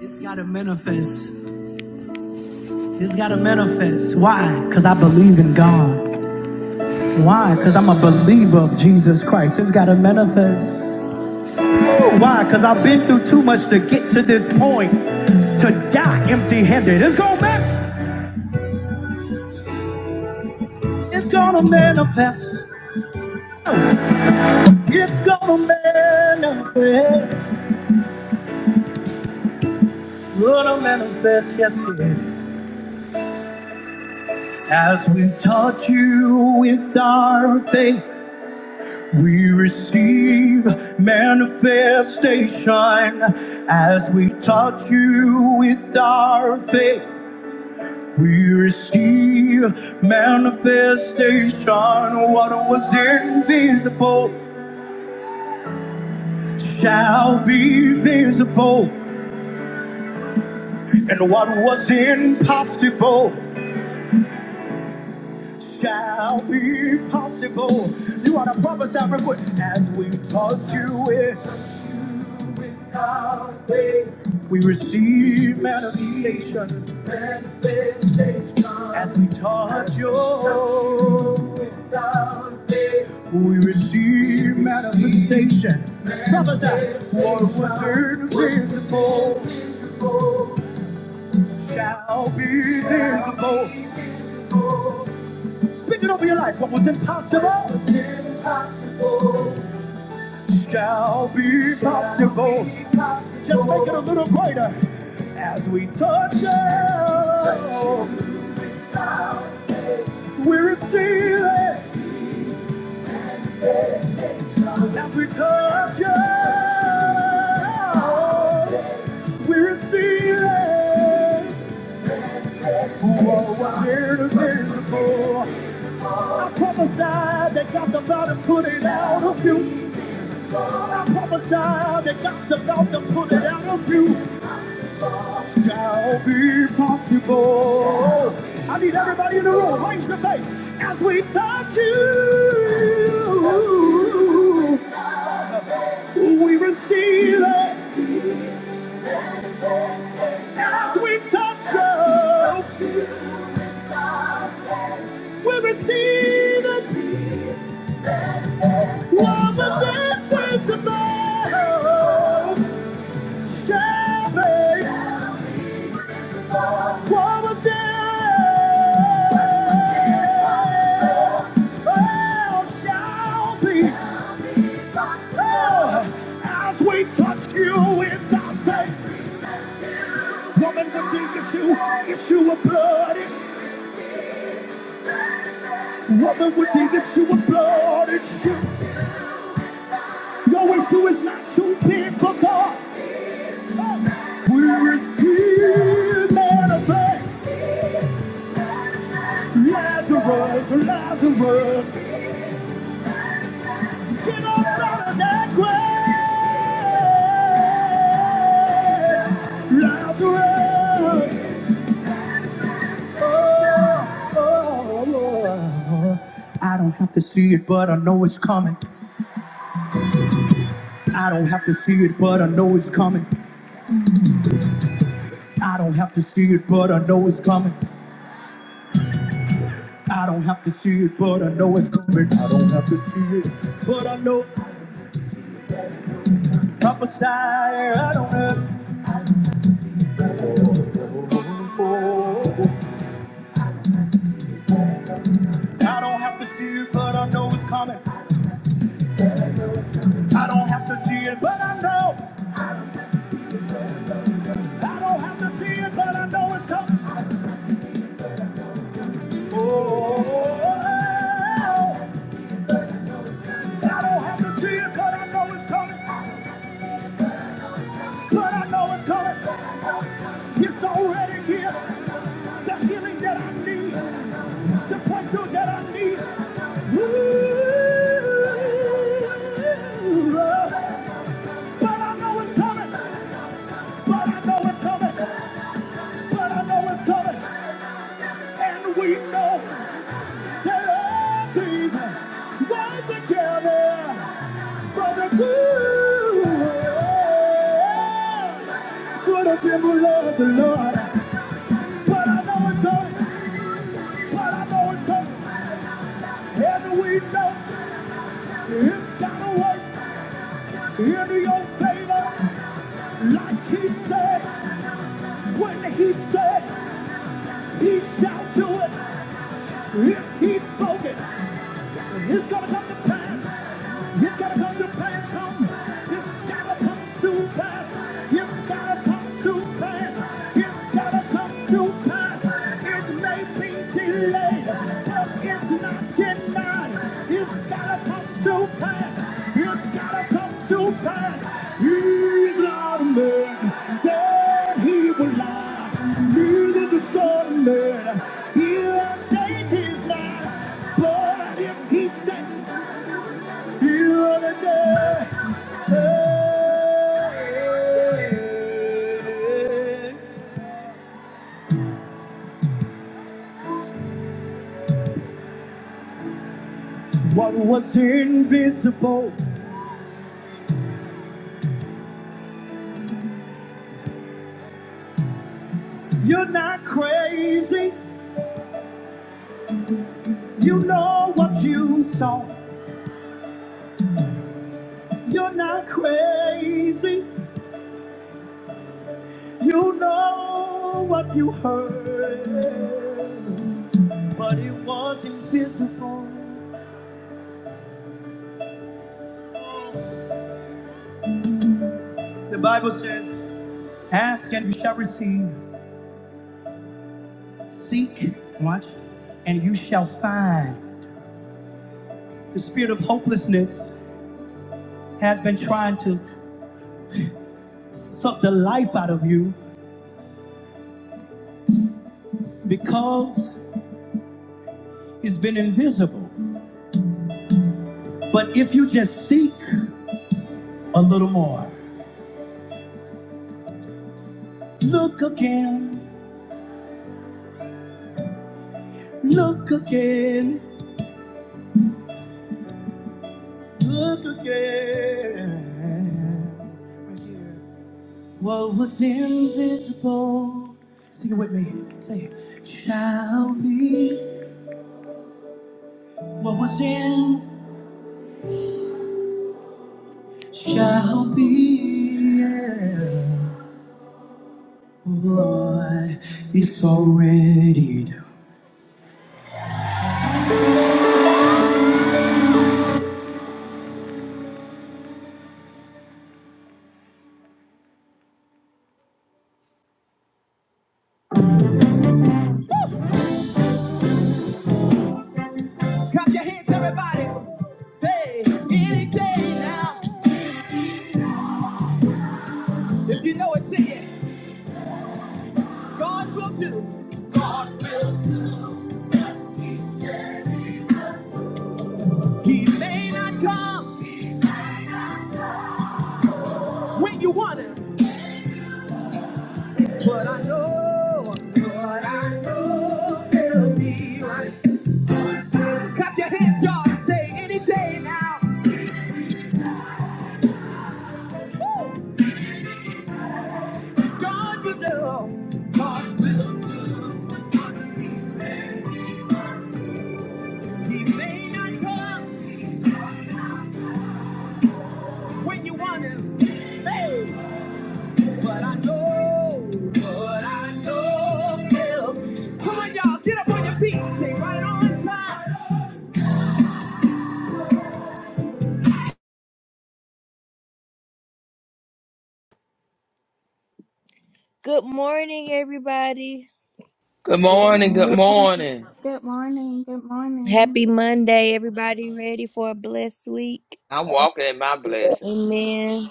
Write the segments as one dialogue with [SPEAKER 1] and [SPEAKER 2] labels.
[SPEAKER 1] It's gotta manifest. It's gotta manifest. Why? Because I believe in God. Why? Because I'm a believer of Jesus Christ. It's gotta manifest. Ooh, Why? Because I've been through too much to get to this point to die empty handed. It's gonna manifest. It's gonna manifest. It's gonna manifest. Gonna manifest, yes, it is. As we touch you with our faith. We receive manifestation as we touch you with our faith. We receive manifestation. What was invisible shall be visible, and what was impossible shall be possible. You ought to prophesy real quick as we touch you with Without faith, We receive manifestation manifestation. as we touch your. you without faith, We receive manifestation. Prophesy. What was manifestation. What was invisible shall be visible. Speak it over your life. What was What impossible What was impossible shall be possible. Just make it a little brighter. As we touch it, we receive it. As we touch it, we receive it. What's invisible? I prophesied that God's about to put it out of you. I prophesied that God's about to put it out of you. shall be possible. I need everybody in the room, raise your faith. As we touch you, we receive it. So we receive it. What was impossible shall be What was impossible shall be. Oh, as we touch you in the face. Woman would dig a you. if you were bloody. Woman would dig if you were bloody. Shoe. Your issue is not too big for God. We receive manifest Lazarus, Lazarus. Get up out of that grave, Lazarus. Oh, oh, oh. I don't have to see it, but I know it's coming. I don't have to see it, but I know it's coming. I don't have to see it, but I know it's coming. I don't have to see it, but I know it's coming. I don't have to see it, but I know I prophesy. I don't have to oh, I don't have to see it, but I know it's coming. I don't have to see it, but I know. I don't have to see it, but I know it's coming. Oh, I don't have to see it, but I know it's coming. But I know it's coming. It's already here. The healing that I need, the breakthrough that I need. Ooh. But I know it's coming. But I know it's coming. But I know it's coming. And we know that all things work together for the good. Good of them who love the Lord. But I know it's coming. But I know it's coming. And we know it's gotta work in your favor. Like he said, when he said, he shall do it. If he spoke it, it's gonna come to pass. It's gotta come to pass, come. It's gotta come to pass. It's gotta come to pass. It's gotta come to pass. It may be delayed, but it's not denied. It's gotta come to pass. It's gotta come to pass. He's not a man that he will lie. Neither the son of man. He'll change his mind. But if he said what was invisible? You're not crazy. You know what you saw. You're not crazy. You know what you heard. But it was invisible. The Bible says, Ask and you shall receive. Seek, watch, and you shall find. The spirit of hopelessness has been trying to suck the life out of you because it's been invisible. But if you just seek a little more, look again, look again, look again. What was invisible, sing it with me, say, it, shall be. What was in shall be. Yeah. Boy, it's already done. If you know it, sing it. God will do. May not come when you want it, but I know, but I know it'll be right. Clap your hands, y'all. Say any day now. Woo! God will do. May not come when you want it, but I know, but I know it'll be. right. Come on, y'all, get up on your feet. Stay right on time. Good morning, everybody.
[SPEAKER 2] Good
[SPEAKER 1] Good
[SPEAKER 2] morning. Good
[SPEAKER 1] morning.
[SPEAKER 2] morning.
[SPEAKER 3] Good morning. Good morning.
[SPEAKER 1] Happy Monday, everybody. Ready for a blessed week?
[SPEAKER 2] I'm
[SPEAKER 4] Thank
[SPEAKER 2] walking in my
[SPEAKER 4] you,
[SPEAKER 2] blessings.
[SPEAKER 1] Amen.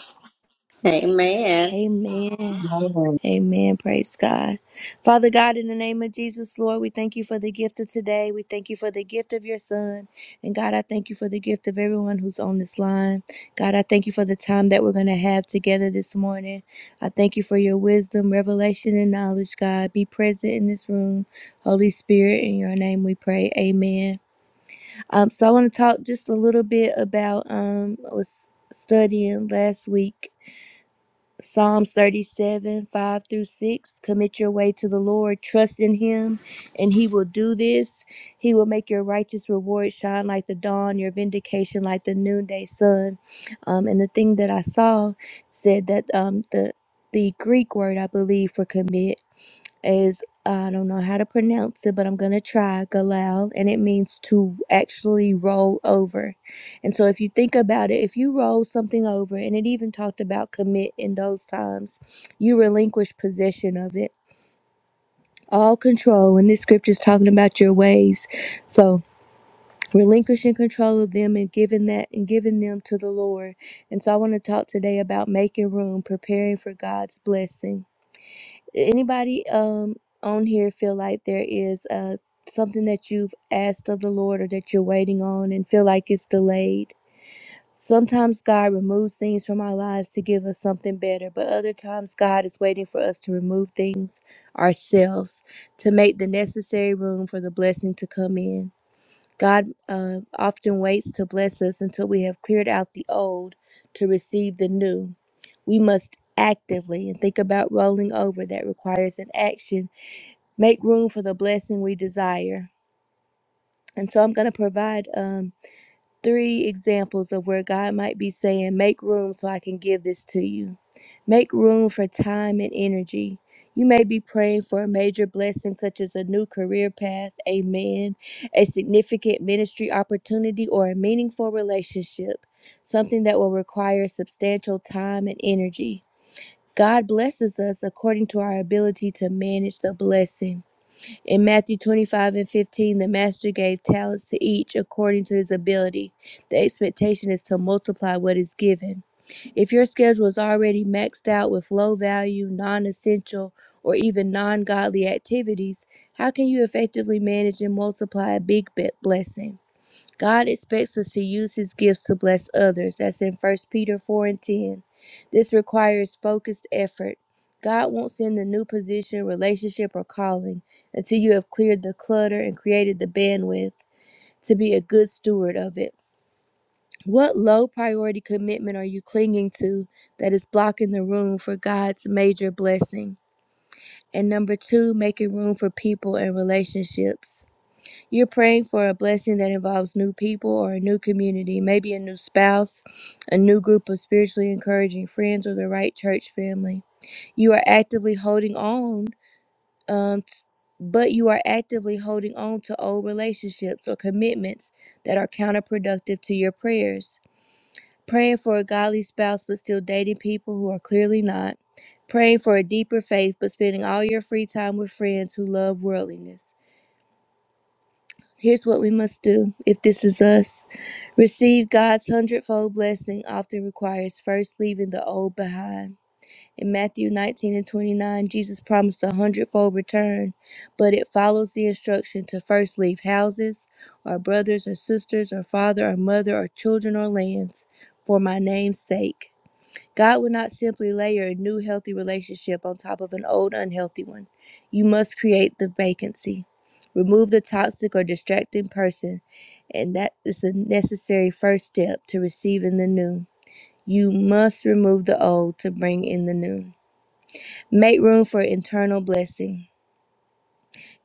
[SPEAKER 5] Amen.
[SPEAKER 1] Amen.
[SPEAKER 6] Lord,
[SPEAKER 1] Amen. Praise God. Father God, in the name of Jesus, Lord, we thank you for the gift of today. We thank you for the gift of your son. And God, I thank you for the gift of everyone who's on this line. God, I thank you for the time that we're going to have together this morning. I thank you for your wisdom, revelation, and knowledge, God. Be present in this room. Holy Spirit, in your name we pray. Amen. Um, so I want to talk just a little bit about um I was studying last week Psalms 37, 5 through 6. Commit your way to the Lord. Trust in Him, and He will do this. He will make your righteous reward shine like the dawn, your vindication like the noonday sun. Um, and the thing that I saw said that um, the the Greek word, I believe, for commit is I don't know how to pronounce it, but I'm gonna try galal, and it means to actually roll over. And so, if you think about it, if you roll something over, and it even talked about commit in those times, you relinquish possession of it, all control. And this scripture is talking about your ways, so relinquishing control of them and giving that and giving them to the Lord. And so, I want to talk today about making room, preparing for God's blessing. Anybody um on here feel like there is uh something that you've asked of the Lord or that you're waiting on and feel like it's delayed? Sometimes God removes things from our lives to give us something better, but other times God is waiting for us to remove things ourselves to make the necessary room for the blessing to come in. God uh, often waits to bless us until we have cleared out the old to receive the new. We must actively and think about rolling over that requires an action. Make room for the blessing we desire. And so I'm going to provide. Um, three examples of where God might be saying, Make room so I can give this to you. Make room for time and energy. You may be praying for a major blessing, such as a new career path, a man, a significant ministry opportunity, or a meaningful relationship, something that will require substantial time and energy. God blesses us according to our ability to manage the blessing. In Matthew 25 and 15, the master gave talents to each according to his ability. The expectation is to multiply what is given. If your schedule is already maxed out with low value, non essential, or even non godly activities, how can you effectively manage and multiply a big be- blessing? God expects us to use his gifts to bless others. That's in First Peter 4 and 10. This requires focused effort. God won't send a new position, relationship, or calling until you have cleared the clutter and created the bandwidth to be a good steward of it. What low priority commitment are you clinging to that is blocking the room for God's major blessing? And number two, making room for people and relationships. You're praying for a blessing that involves new people or a new community, maybe a new spouse, a new group of spiritually encouraging friends, or the right church family. You are actively holding on, um, t- but you are actively holding on to old relationships or commitments that are counterproductive to your prayers. Praying for a godly spouse, but still dating people who are clearly not. Praying for a deeper faith, but spending all your free time with friends who love worldliness Here's what we must do if this is us. Receive God's hundredfold blessing often requires first leaving the old behind. In Matthew 19 and 29, Jesus promised a hundredfold return, but it follows the instruction to first leave houses, or brothers, or sisters, or father, or mother, or children, or lands, for my name's sake. God will not simply layer a new healthy relationship on top of an old unhealthy one. You must create the vacancy. Remove the toxic or distracting person, and that is the necessary first step to receiving the new. You must remove the old to bring in the new. Make room for internal blessing.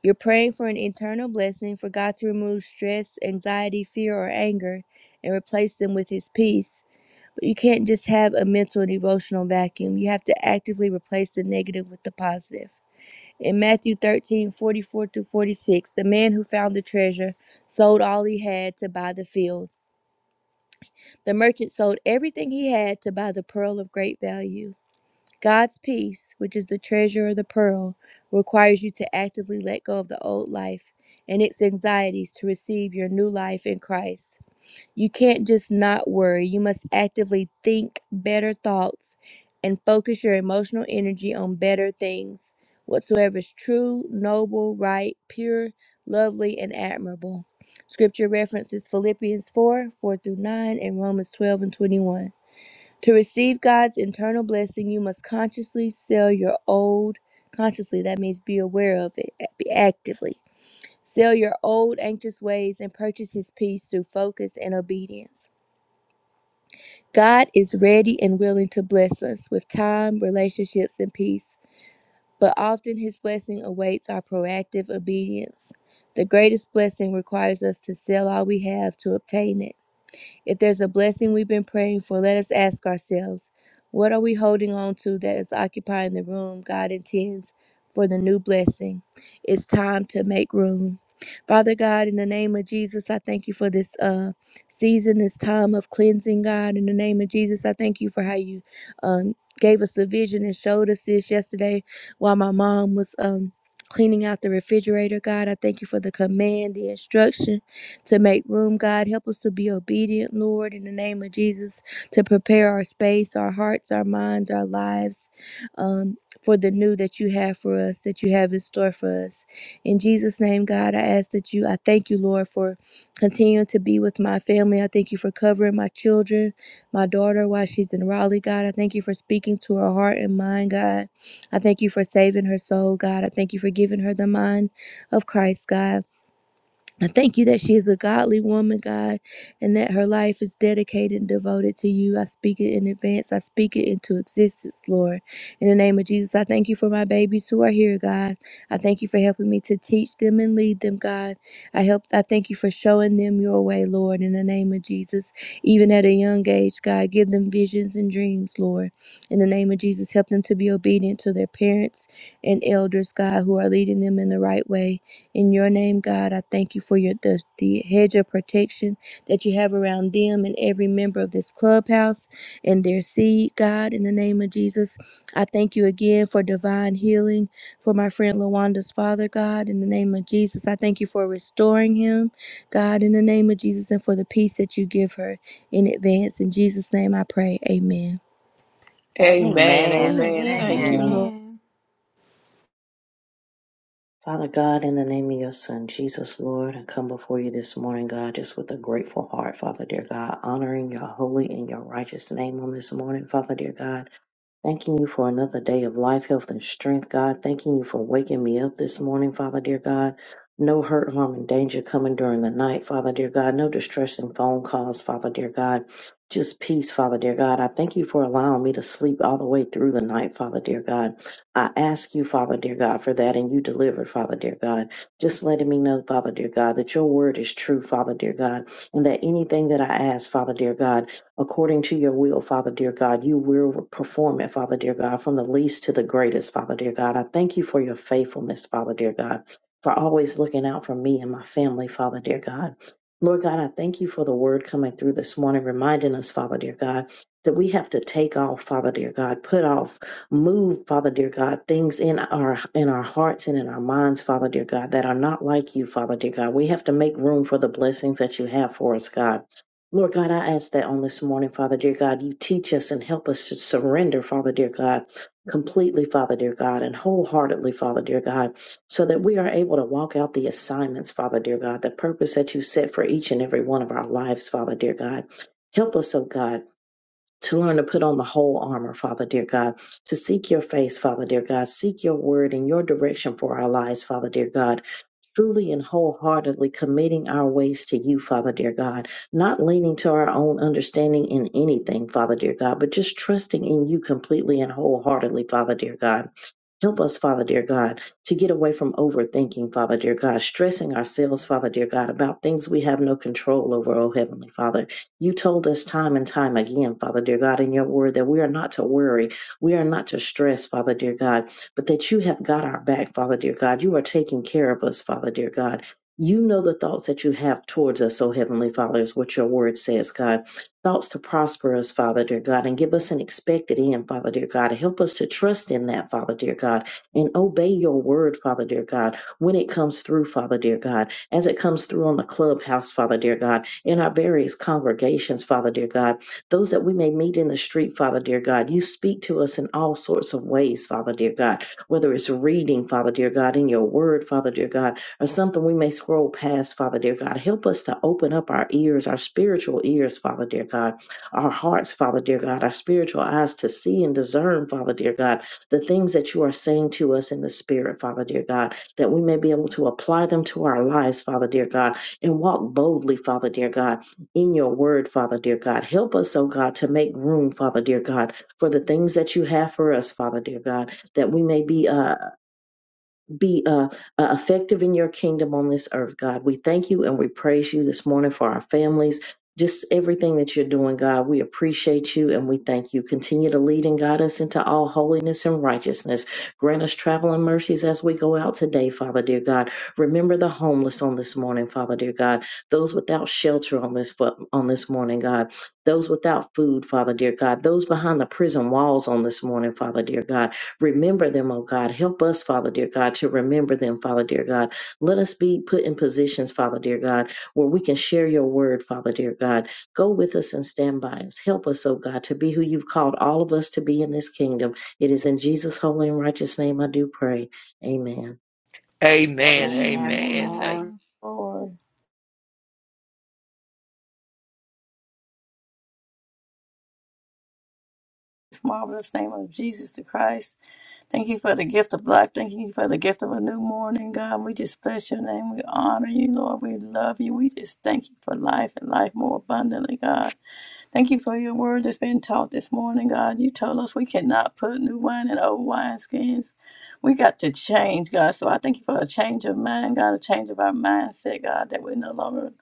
[SPEAKER 1] You're praying for an internal blessing for God to remove stress, anxiety, fear, or anger and replace them with His peace but you can't just have a mental and emotional vacuum. You have to actively replace the negative with the positive. In Matthew thirteen forty four 44 through 46, the man who found the treasure sold all he had to buy the field. The merchant sold everything he had to buy the pearl of great value. God's peace, which is the treasure or the pearl, requires you to actively let go of the old life and its anxieties to receive your new life in Christ. You can't just not worry. You must actively think better thoughts and focus your emotional energy on better things, whatsoever is true, noble, right, pure, lovely, and admirable. Scripture references Philippians 4 4 through 9 and Romans 12 and 21. To receive God's internal blessing, you must consciously sell your old, consciously, that means be aware of it, be actively. Sell your old anxious ways and purchase his peace through focus and obedience. God is ready and willing to bless us with time, relationships, and peace, but often His blessing awaits our proactive obedience. The greatest blessing requires us to sell all we have to obtain it. If there's a blessing we've been praying for, let us ask ourselves what are we holding on to that is occupying the room God intends for the new blessing? It's time to make room. Father God, in the name of Jesus, I thank you for this uh, season, this time of cleansing, God. In the name of Jesus, I thank you for how you um, gave us the vision and showed us this yesterday while my mom was um, cleaning out the refrigerator, God. I thank you for the command, the instruction to make room, God. Help us to be obedient, Lord, in the name of Jesus, to prepare our space, our hearts, our minds, our lives um, for the new that you have for us, that you have in store for us. In Jesus' name, God, I ask that you, I thank you, Lord, for continuing to be with my family. I thank you for covering my children, my daughter while she's in Raleigh, God. I thank you for speaking to her heart and mind, God. I thank you for saving her soul, God. I thank you for giving her the mind of Christ, God. I thank you that she is a godly woman, God, and that her life is dedicated and devoted to you. I speak it in advance. I speak it into existence, Lord. In the name of Jesus, I thank you for my babies who are here, God. I thank you for helping me to teach them and lead them, God. I help I thank you for showing them your way, Lord, in the name of Jesus. Even at a young age, God, give them visions and dreams, Lord. In the name of Jesus, help them to be obedient to their parents and elders, God, who are leading them in the right way. In your name, God, I thank you for your the, the hedge of protection that you have around them and every member of this clubhouse and their seed, God, in the name of Jesus. I thank you again for divine healing for my friend Lawanda's father, God, in the name of Jesus. I thank you for restoring him, God, in the name of Jesus, and for the peace that you give her in advance. In Jesus' name I pray. Amen.
[SPEAKER 2] Amen.
[SPEAKER 5] Amen.
[SPEAKER 2] Amen.
[SPEAKER 3] Amen.
[SPEAKER 2] Thank
[SPEAKER 3] Amen.
[SPEAKER 5] Amen.
[SPEAKER 2] you,
[SPEAKER 6] Lord.
[SPEAKER 2] Lord.
[SPEAKER 6] Father God, in the name of your Son, Jesus, Lord, I come before you this morning, God, just with a grateful heart, Father dear God, honoring your holy and your righteous name on this morning, Father dear God. Thanking you for another day of life, health, and strength, God. Thanking you for waking me up this morning, Father, dear God. No hurt, harm, and danger coming during the night, Father, dear God. No distressing phone calls, Father, dear God. Just peace, Father, dear God. I thank you for allowing me to sleep all the way through the night, Father, dear God. I ask you, Father, dear God, for that, and you delivered, Father, dear God. Just letting me know, Father, dear God, that your word is true, Father, dear God, and that anything that I ask, Father, dear God, according to your will, Father dear God. You will perform it, Father dear God, from the least to the greatest, Father dear God. I thank you for your faithfulness, Father dear God, for always looking out for me and my family, Father dear God. Lord God, I thank you for the word coming through this morning, reminding us, Father dear God, that we have to take off, Father dear God, put off, move, Father dear God, things in our in our hearts and in our minds, Father dear God, that are not like you, Father dear God. We have to make room for the blessings that you have for us, God. Lord God, I ask that on this morning, Father dear God, you teach us and help us to surrender, Father dear God, completely, Father dear God, and wholeheartedly, Father dear God, so that we are able to walk out the assignments, Father dear God, the purpose that you set for each and every one of our lives, Father dear God. Help us, oh God. To learn to put on the whole armor, Father dear God, to seek your face, Father dear God, seek your word and your direction for our lives, Father dear God, truly and wholeheartedly committing our ways to you, Father dear God, not leaning to our own understanding in anything, Father dear God, but just trusting in you completely and wholeheartedly, Father dear God. Help us, Father dear God, to get away from overthinking, Father dear God, stressing ourselves, Father dear God, about things we have no control over, oh Heavenly Father. You told us time and time again, Father dear God, in your word that we are not to worry, we are not to stress, Father dear God but that you have got our back, Father dear God. You are taking care of us, Father dear God. You know the thoughts that you have towards us, O Heavenly Father, is what your word says, God. Thoughts to prosper us, Father dear God, and give us an expected end, Father dear God. Help us to trust in that, Father dear God, and obey your word, Father dear God, when it comes through, Father dear God, as it comes through on the clubhouse, Father dear God, in our various congregations, Father dear God, those that we may meet in the street, Father dear God. You speak to us in all sorts of ways, Father dear God whether it's reading, Father dear God, in your word, Father dear God, or something we may scroll past, Father dear God. Help us to open up our ears, our spiritual ears, Father dear God, our hearts, Father dear God, our spiritual eyes to see and discern, Father dear God, the things that you are saying to us in the spirit, Father dear God, that we may be able to apply them to our lives, Father dear God, and walk boldly, Father dear God, in your word, Father dear God. Help us, oh God, to make room, Father dear God, for the things that you have for us, Father dear God that we may be uh, be uh, uh, effective in your kingdom on this earth, God. We thank you and we praise you this morning for our families. Just everything that you're doing, God, we appreciate you and we thank you. Continue to lead and guide us into all holiness and righteousness. Grant us traveling mercies as we go out today, Father dear God. Remember the homeless on this morning, Father dear God. Those without shelter on this on this morning, God. Those without food, Father dear God. Those behind the prison walls on this morning, Father dear God Remember them, oh God. Help us, Father, dear God, to remember them, Father, dear God. Let us be put in positions, Father, dear God, where we can share your word, Father, dear God. Go with us and stand by us. Help us, oh God, to be who you've called all of us to be in this kingdom. It is in Jesus' holy and righteous name I do pray. Amen.
[SPEAKER 2] Amen.
[SPEAKER 5] Amen.
[SPEAKER 2] Amen. Thank.
[SPEAKER 5] Amen. Amen.
[SPEAKER 3] Amen.
[SPEAKER 4] Lord. This marvelous name of Jesus the Christ. Thank you for the gift of life. Thank you for the gift of a new morning, God. We just bless your name. We honor you, Lord. We love you. We just thank you for life and life more abundantly, God. Thank you for your word that's been taught this morning, God. You told us we cannot put new wine in old wineskins. We got to change, God. So I thank you for a change of mind, God, a change of our mindset, God, that we're no longer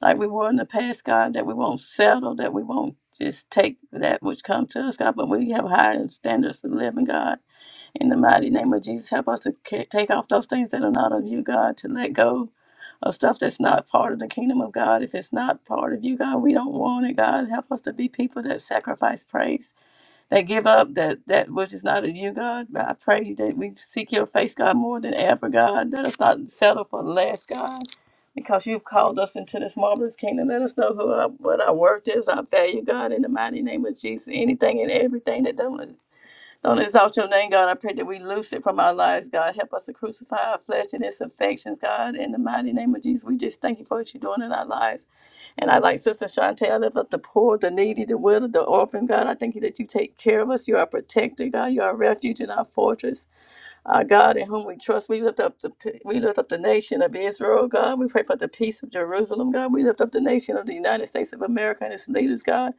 [SPEAKER 4] like we were in the past, God, that we won't settle, that we won't just take that which comes to us, God, but we have higher standards of living, God. In the mighty name of Jesus, help us to ca- take off those things that are not of you, God, to let go of stuff that's not part of the kingdom of God. If it's not part of you, God, we don't want it. God, help us to be people that sacrifice praise, that give up that that which is not of you, God. I pray that we seek your face, God, more than ever, God. Let us not settle for less, God. Because you've called us into this marvelous kingdom. Let us know who our, what our worth is, our value, God, in the mighty name of Jesus. Anything and everything that don't don't exalt your name, God. I pray that we loose it from our lives, God. Help us to crucify our flesh and its affections, God. In the mighty name of Jesus, we just thank you for what you're doing in our lives. And I like Sister Shantae, I lift up the poor, the needy, the widow, the orphan, God. I thank you that you take care of us. You're our protector, God. You're our refuge and our fortress. Our God, in whom we trust, we lift up the we lift up the nation of Israel, God. We pray for the peace of Jerusalem, God. We lift up the nation of the United States of America and its leaders, God.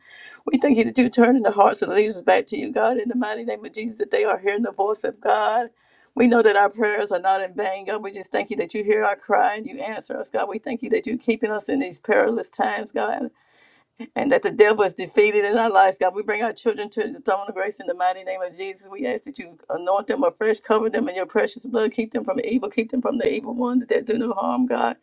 [SPEAKER 4] We thank you that you turn in the hearts of the leaders back to you, God, in the mighty name of Jesus, that they are hearing the voice of God. We know that our prayers are not in vain, God. We just thank you that you hear our cry and you answer us, God. We thank you that you're keeping us in these perilous times, God and that the devil is defeated in our lives, God. We bring our children to the throne of grace in the mighty name of Jesus. We ask that you anoint them afresh, cover them in your precious blood, keep them from evil, keep them from the evil one, that they do no harm, God.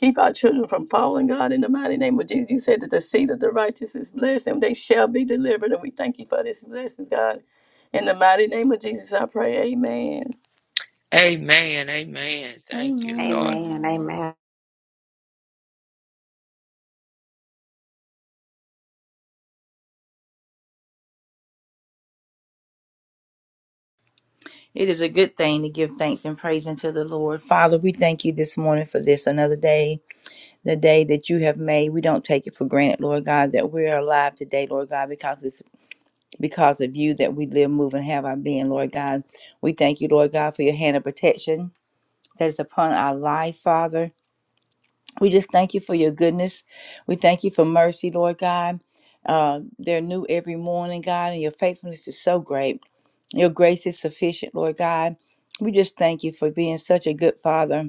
[SPEAKER 4] Keep our children from falling, God, in the mighty name of Jesus. You said that the seed of the righteous is blessed, and they shall be delivered. And we thank you for this blessing, God. In the mighty name of Jesus, I pray. Amen.
[SPEAKER 2] Amen. Amen.
[SPEAKER 3] Amen.
[SPEAKER 2] Thank you, Lord.
[SPEAKER 3] Amen.
[SPEAKER 5] Amen.
[SPEAKER 7] It is a good thing to give thanks and praise unto the Lord. Father, we thank you this morning for this another day, the day that you have made. We don't take it for granted, Lord God, that we are alive today, Lord God, because it's because of you that we live, move, and have our being, Lord God. We thank you, Lord God, for your hand of protection that is upon our life, Father. We just thank you for your goodness. We thank you for mercy, Lord God. Uh, they're new every morning, God, and your faithfulness is so great. Your grace is sufficient, Lord God. We just thank you for being such a good father.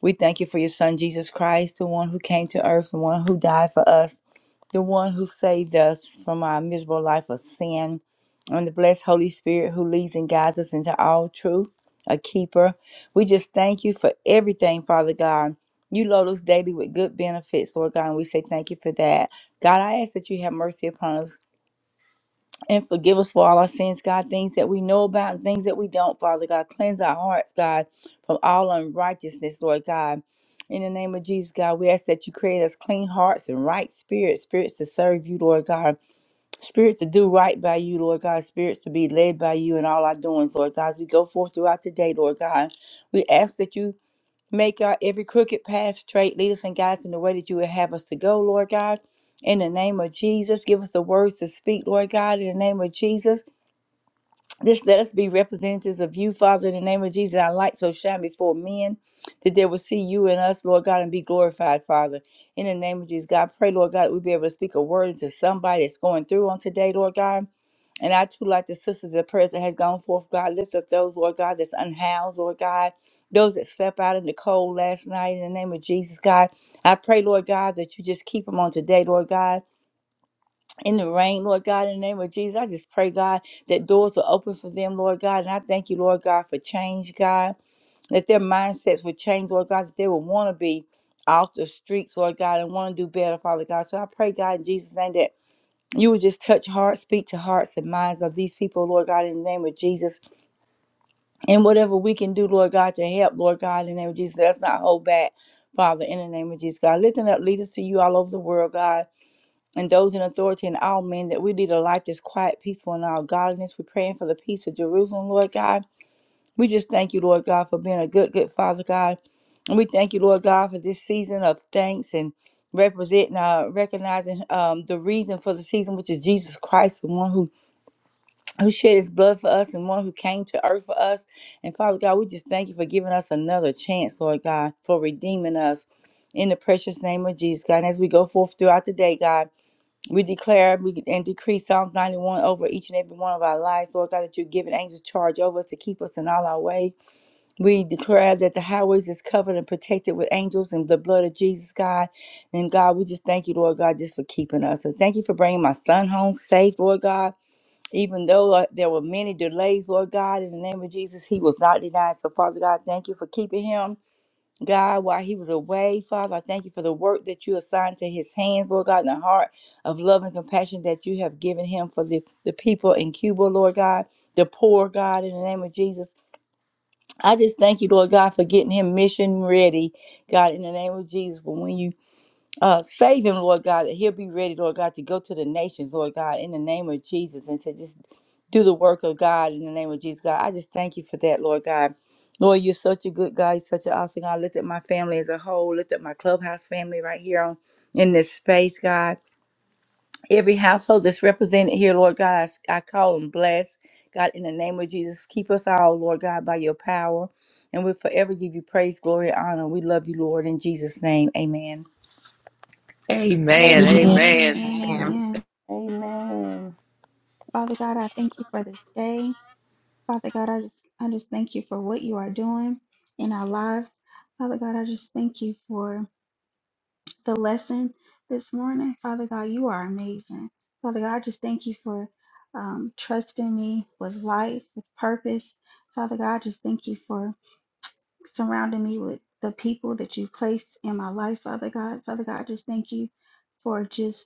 [SPEAKER 7] We thank you for your Son, Jesus Christ, the one who came to earth, the one who died for us, the one who saved us from our miserable life of sin, and the blessed Holy Spirit who leads and guides us into all truth, a keeper. We just thank you for everything, Father God. You load us daily with good benefits, Lord God, and we say thank you for that. God, I ask that you have mercy upon us and forgive us for all our sins, God, things that we know about and things that we don't, Father God. Cleanse our hearts, God, from all unrighteousness, Lord God. In the name of Jesus, God, we ask that you create us clean hearts and right spirits, spirits to serve you, Lord God, spirits to do right by you, Lord God, spirits to be led by you in all our doings, Lord God. As we go forth throughout the day, Lord God, we ask that you Make our every crooked path straight. Lead us and guide us in the way that you would have us to go, Lord God. In the name of Jesus, give us the words to speak, Lord God. In the name of Jesus. This let us be representatives of you, Father, in the name of Jesus. Our light so shine before men that they will see you and us, Lord God, and be glorified, Father. In the name of Jesus, God, pray, Lord God, that we be able to speak a word into somebody that's going through on today, Lord God. And I too, like the sisters, the prayers that has gone forth, God, lift up those, Lord God, that's unhoused, Lord God, those that slept out in the cold last night, in the name of Jesus, God. I pray, Lord God, that you just keep them on today, Lord God in the rain, Lord God, in the name of Jesus, I just pray, God, that doors will open for them, Lord God. And I thank you, Lord God, for change, God, that their mindsets will change, Lord God, that they will want to be off the streets, Lord God, and want to do better, Father God. So I pray, God, in Jesus' name, that you would just touch hearts, speak to hearts and minds of these people, Lord God, in the name of Jesus. And whatever we can do, Lord God, to help, Lord God, in the name of Jesus, let's not hold back, Father, in the name of Jesus, God. Lifting up leaders to you all over the world, God and those in authority and all men that we lead a life that's quiet, peaceful, and all godliness. We're praying for the peace of Jerusalem, Lord God. We just thank you, Lord God, for being a good, good Father God. And we thank you, Lord God, for this season of thanks and representing, uh, recognizing um, the reason for the season, which is Jesus Christ, the one who, who shed his blood for us and one who came to earth for us. And Father God, we just thank you for giving us another chance, Lord God, for redeeming us in the precious name of Jesus, God. And as we go forth throughout the day, God, we declare we- and decree Psalms 91 over each and every one of our lives, Lord God, that you're giving angels charge over us to keep us in all our way. We declare that the highways is covered and protected with angels and the blood of Jesus, God. And God, we just thank you, Lord God, just for keeping us. And thank you for bringing my son home safe, Lord God. Even though uh, there were many delays, Lord God, in the name of Jesus, he was not denied. So, Father God, thank you for keeping him. God, while he was away, Father, I thank you for the work that you assigned to his hands, Lord God, and the heart of love and compassion that you have given him for the, the people in Cuba, Lord God, the poor, God, in the name of Jesus. I just thank you, Lord God, for getting him mission ready, God, in the name of Jesus, for when you uh, save him, Lord God, that he'll be ready, Lord God, to go to the nations, Lord God, in the name of Jesus, and to just do the work of God in the name of Jesus, God. I just thank you for that, Lord God. Lord, you're such a good God. You're such an awesome God. Lift up my family as a whole. Lift up my clubhouse family right here on in this space, God. Every household that's represented here, Lord God, I, s- I call them blessed. God, in the name of Jesus, keep us all, Lord God, by your power. And we'll forever give you praise, glory, and honor. We love you, Lord, in Jesus' name. Amen.
[SPEAKER 3] Amen.
[SPEAKER 2] Amen.
[SPEAKER 3] Amen.
[SPEAKER 2] Amen.
[SPEAKER 3] Amen.
[SPEAKER 5] Amen.
[SPEAKER 3] Amen.
[SPEAKER 4] Amen.
[SPEAKER 3] Father God, I thank you for this day. Father God, I just I just thank you for what you are doing in our lives. Father God, I just thank you for the lesson this morning. Father God, you are amazing. Father God, I just thank you for um, trusting me with life, with purpose. Father God, I just thank you for surrounding me with the people that you placed in my life, Father God. Father God, I just thank you for just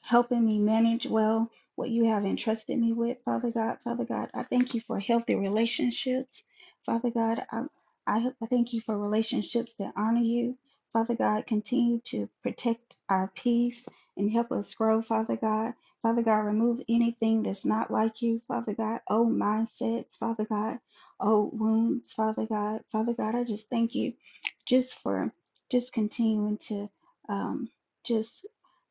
[SPEAKER 3] helping me manage well what you have entrusted me with, Father God. Father God, I thank you for healthy relationships. Father God, I, I, I thank you for relationships that honor you. Father God, continue to protect our peace and help us grow, Father God. Father God, remove anything that's not like you, Father God. Oh, mindsets, Father God. Oh, wounds, Father God. Father God, I just thank you just for just continuing to um, just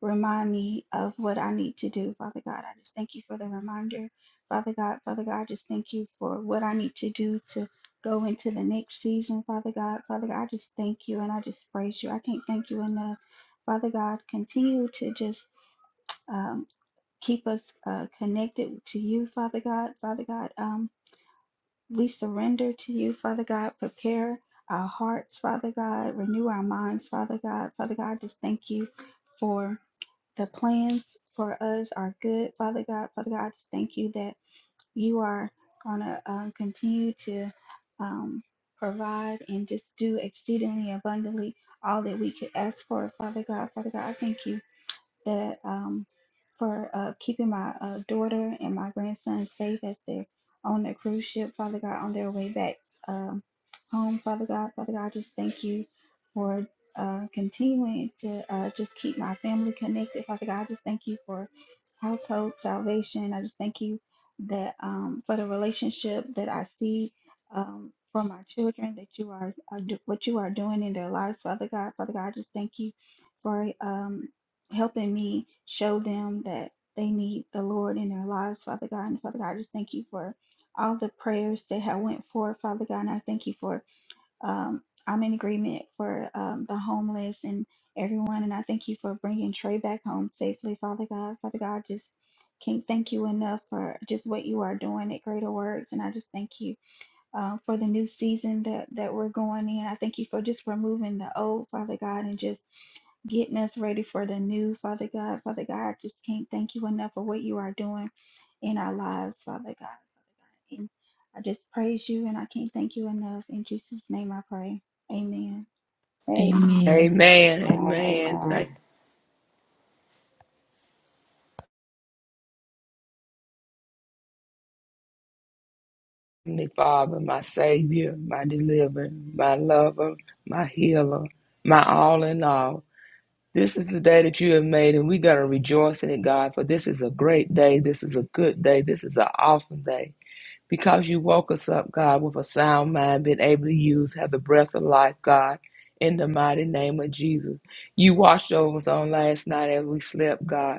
[SPEAKER 3] remind me of what I need to do, Father God. I just thank you for the reminder, Father God. Father God, I just thank you for what I need to do to go into the next season, Father God. Father God, I just thank you and I just praise you. I can't thank you enough. Father God, continue to just um, keep us uh, connected to you, Father God. Father God, um, we surrender to you, Father God. Prepare our hearts, Father God. Renew our minds, Father God. Father God, I just thank you for the plans for us are good, Father God. Father God, I just thank you that you are going to um, continue to um, provide and just do exceedingly abundantly all that we could ask for, Father God. Father God, I thank you that um, for uh, keeping my uh, daughter and my grandson safe as they're on the cruise ship, Father God, on their way back um, home, Father God. Father God, I just thank you for uh, continuing to uh, just keep my family connected, Father God. I just thank you for household salvation. I just thank you that um, for the relationship that I see um, from my children, that you are, are do, what you are doing in their lives, Father God. Father God, I just thank you for. Um, helping me show them that they need the Lord in their lives, Father God. And Father God, I just thank you for all the prayers that have went forth, Father God. And I thank you for um, I'm in agreement for um, the homeless and everyone. And I thank you for bringing Trey back home safely, Father God. Father God, just can't thank you enough for just what you are doing at Greater Works. And I just thank you um, for the new season that, that we're going in. I thank you for just removing the old, Father God, and just getting us ready for the new, Father God. Father God, I just can't thank you enough for what you are doing in our lives, Father God. Father God. And I just praise you and I can't thank you enough. In Jesus' name I pray. Amen.
[SPEAKER 1] Amen.
[SPEAKER 2] Amen. Amen. Thank
[SPEAKER 5] Amen.
[SPEAKER 2] you, Father, my Savior, my Deliverer, my Lover, my Healer, my All in All. This is the day that you have made, and we're going to rejoice in it, God, for this is a great day. This is a good day. This is an awesome day. because you woke us up, God, with a sound mind, been able to use, have the breath of life, God, in the mighty name of Jesus. You watched over us on last night as we slept, God.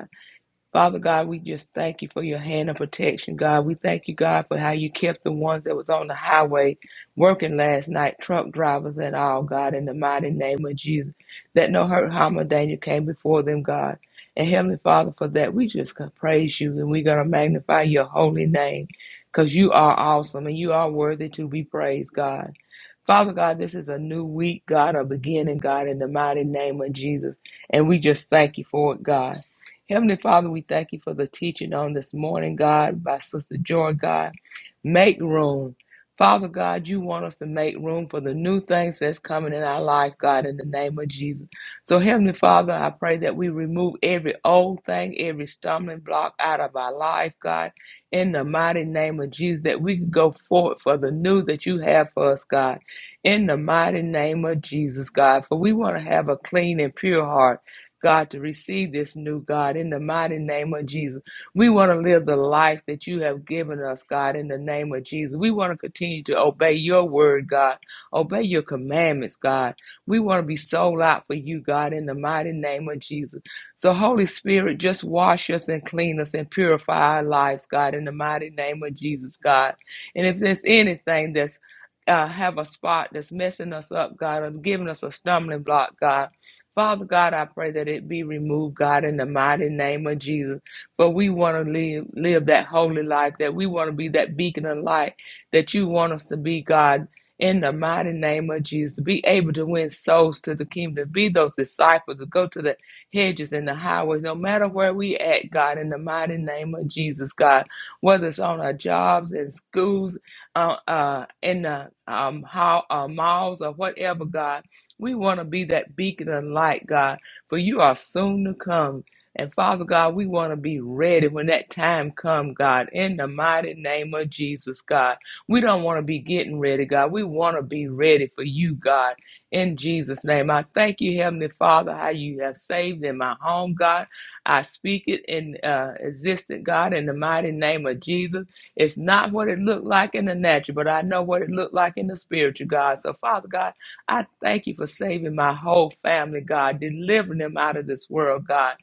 [SPEAKER 2] Father God, we just thank you for your hand of protection, God. We thank you, God, for how you kept the ones that was on the highway working last night, truck drivers and all, God, in the mighty name of Jesus. That no hurt, harm, or danger came before them, God. And Heavenly Father, for that, we just can praise you and we're going to magnify your holy name because you are awesome and you are worthy to be praised, God. Father God, this is a new week, God, a beginning, God, in the mighty name of Jesus. And we just thank you for it, God. Heavenly Father, we thank you for the teaching on this morning, God, by Sister Joy, God. Make room. Father God, you want us to make room for the new things that's coming in our life, God, in the name of Jesus. So, Heavenly Father, I pray that we remove every old thing, every stumbling block out of our life, God, in the mighty name of Jesus, that we can go forward for the new that you have for us, God in the mighty name of Jesus, God. For we want to have a clean and pure heart, God, to receive this new God in the mighty name of Jesus. We want to live the life that you have given us, God, in the name of Jesus. We want to continue to obey your word, God, obey your commandments, God. We want to be sold out for you, God, in the mighty name of Jesus. So, Holy Spirit, just wash us and clean us and purify our lives, God, in the mighty name of Jesus, God. And if there's anything that's uh, have a spot that's messing us up, God, or giving us a stumbling block, God. Father God, I pray that it be removed, God, in the mighty name of Jesus. But we want to live, live that holy life, that we want to be that beacon of light that you want us to be, God, in the mighty name of Jesus. Be able to win souls to the kingdom, be those disciples to go to the hedges and the highways, no matter where we at, God, in the mighty name of Jesus, God, whether it's on our jobs and schools uh, uh, in the um, how, uh, malls or whatever, God. We want to be that beacon of light, God, for you are soon to come. And Father God, we want to be ready when that time comes, God, in the mighty name of Jesus, God. We don't want to be getting ready, God. We want to be ready for you, God, in Jesus' name. I thank you, Heavenly Father, how you have saved in my home, God. I speak it in uh, existent, God, in the mighty name of Jesus. It's not what it looked like in the natural, but I know what it looked like in the spiritual, God. So, Father God, I thank you for saving my whole family, God, delivering them out of this world, God.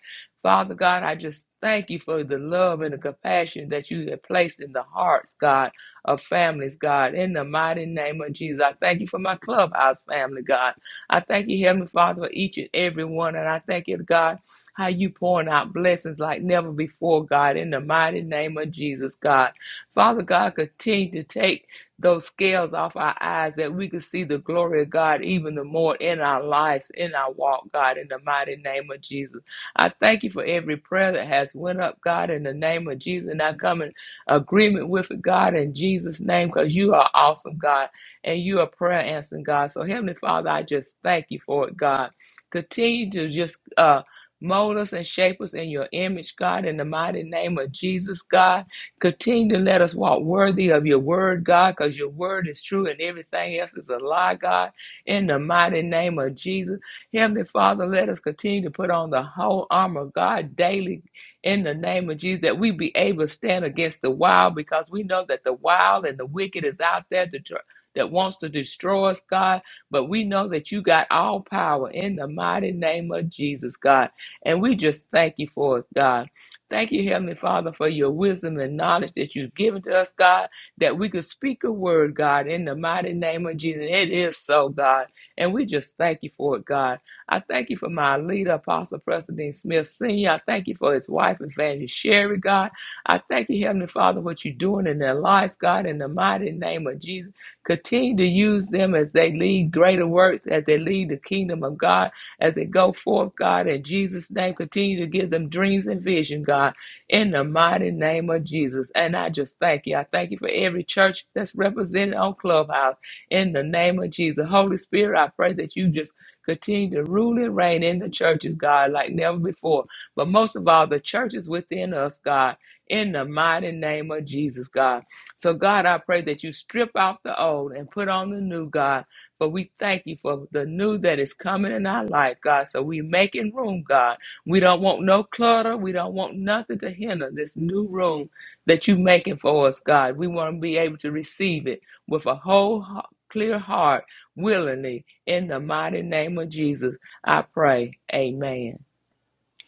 [SPEAKER 2] Father God, I just thank you for the love and the compassion that you have placed in the hearts, God, of families, God. In the mighty name of Jesus, I thank you for my clubhouse family, God. I thank you, Heavenly Father, for each and every one. And I thank you, God, how you pouring out blessings like never before, God. In the mighty name of Jesus, God. Father God, continue to take those scales off our eyes that we can see the glory of God even the more in our lives, in our walk, God, in the mighty name of Jesus. I thank you for every prayer that has went up, God, in the name of Jesus. And I come in agreement with it, God, in Jesus' name, because you are awesome, God, and you are prayer answering, God. So, Heavenly Father, I just thank you for it, God. Continue to just uh, mold us and shape us in your image, God, in the mighty name of Jesus, God. Continue to let us walk worthy of your word, God, because your word is true and everything else is a lie, God. In the mighty name of Jesus, Heavenly Father, let us continue to put on the whole armor of God daily. In the name of Jesus, that we be able to stand against the wild, because we know that the wild and the wicked is out there to tr- that wants to destroy us, God. But we know that you got all power in the mighty name of Jesus, God. And we just thank you for it, God. Thank you, Heavenly Father, for your wisdom and knowledge that you've given to us, God, that we could speak a word, God, in the mighty name of Jesus. It is so, God. And we just thank you for it, God. I thank you for my leader, Apostle President Smith Sr. I thank you for his wife, Evangelist Sherry, God. I thank you, Heavenly Father, what you're doing in their lives, God, in the mighty name of Jesus. Continue to use them as they lead greater works, as they lead the kingdom of God as they go forth, God, in Jesus' name. Continue to give them dreams and vision, God, in the mighty name of Jesus. And I just thank you. I thank you for every church that's represented on Clubhouse in the name of Jesus. Holy Spirit, I pray that you just continue to rule and reign in the churches, God, like never before. But most of all, the churches within us, God, in the mighty name of Jesus, God. So, God, I pray that you strip out the old and put on the new, God but we thank you for the new that is coming in our life, God. So we making room, God. We don't want no clutter. We don't want nothing to hinder this new room that you making for us, God. We want to be able to receive it with a whole ho- clear heart, willingly, in the mighty name of Jesus. I pray. Amen.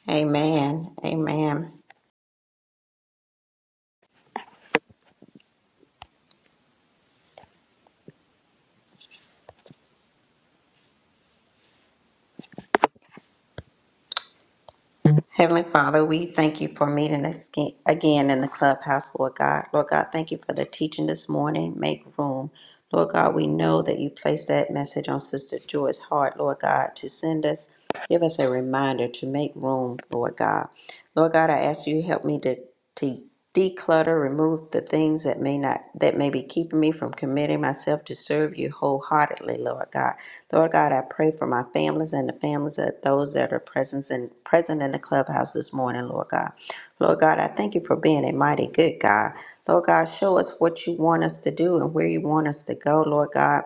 [SPEAKER 5] Amen. Amen. Amen. Heavenly Father, we thank you for meeting us aga- again in the clubhouse, Lord God. Lord God, thank you for the teaching this morning. Make room. Lord God, we know that you placed that message on Sister Joy's heart, Lord God, to send us, give us a reminder to make room, Lord God. Lord God, I ask you to help me to, to declutter, remove the things that may not that may be keeping me from committing myself to serve you wholeheartedly, Lord God. Lord God, I pray for my families and the families of those that are present in, present in the clubhouse this morning, Lord God. Lord God, I thank you for being a mighty good God. Lord God, show us what you want us to do and where you want us to go, Lord God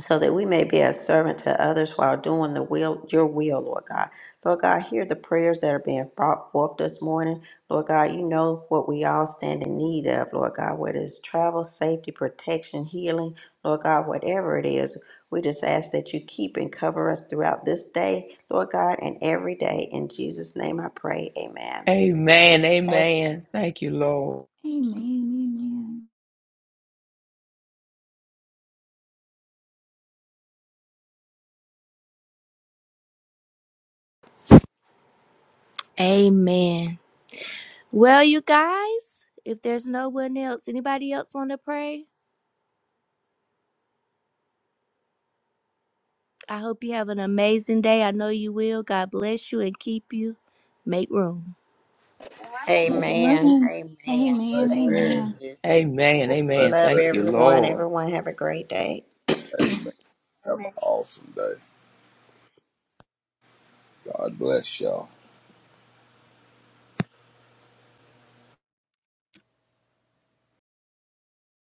[SPEAKER 5] so that we may be a servant to others while doing the will, your will, Lord God. Lord God, hear the prayers that are being brought forth this morning. Lord God, you know what we all stand in need of, Lord God, whether it's travel, safety, protection, healing, Lord God, whatever it is. We just ask that you keep and cover us throughout this day, Lord God, and every day. In Jesus' name I pray. Amen.
[SPEAKER 2] Amen.
[SPEAKER 4] Amen.
[SPEAKER 2] Amen. Thank you, Lord.
[SPEAKER 3] Amen.
[SPEAKER 1] Amen. Well, you guys, if there's no one else, anybody else want to pray? I hope you have an amazing day. I know you will. God bless you and keep you. Make room.
[SPEAKER 5] Amen.
[SPEAKER 4] Amen.
[SPEAKER 3] Amen.
[SPEAKER 5] Amen.
[SPEAKER 3] Amen.
[SPEAKER 5] Thank
[SPEAKER 3] Amen.
[SPEAKER 8] Amen.
[SPEAKER 5] you.
[SPEAKER 2] Amen.
[SPEAKER 8] Have a
[SPEAKER 2] Amen.
[SPEAKER 8] blessed
[SPEAKER 5] Love
[SPEAKER 8] day,
[SPEAKER 2] Thank you,
[SPEAKER 8] everybody.
[SPEAKER 5] everyone.
[SPEAKER 2] Lord.
[SPEAKER 5] Everyone have a great day.
[SPEAKER 8] Amen.
[SPEAKER 4] Amen.
[SPEAKER 8] Have an awesome day. God bless y'all.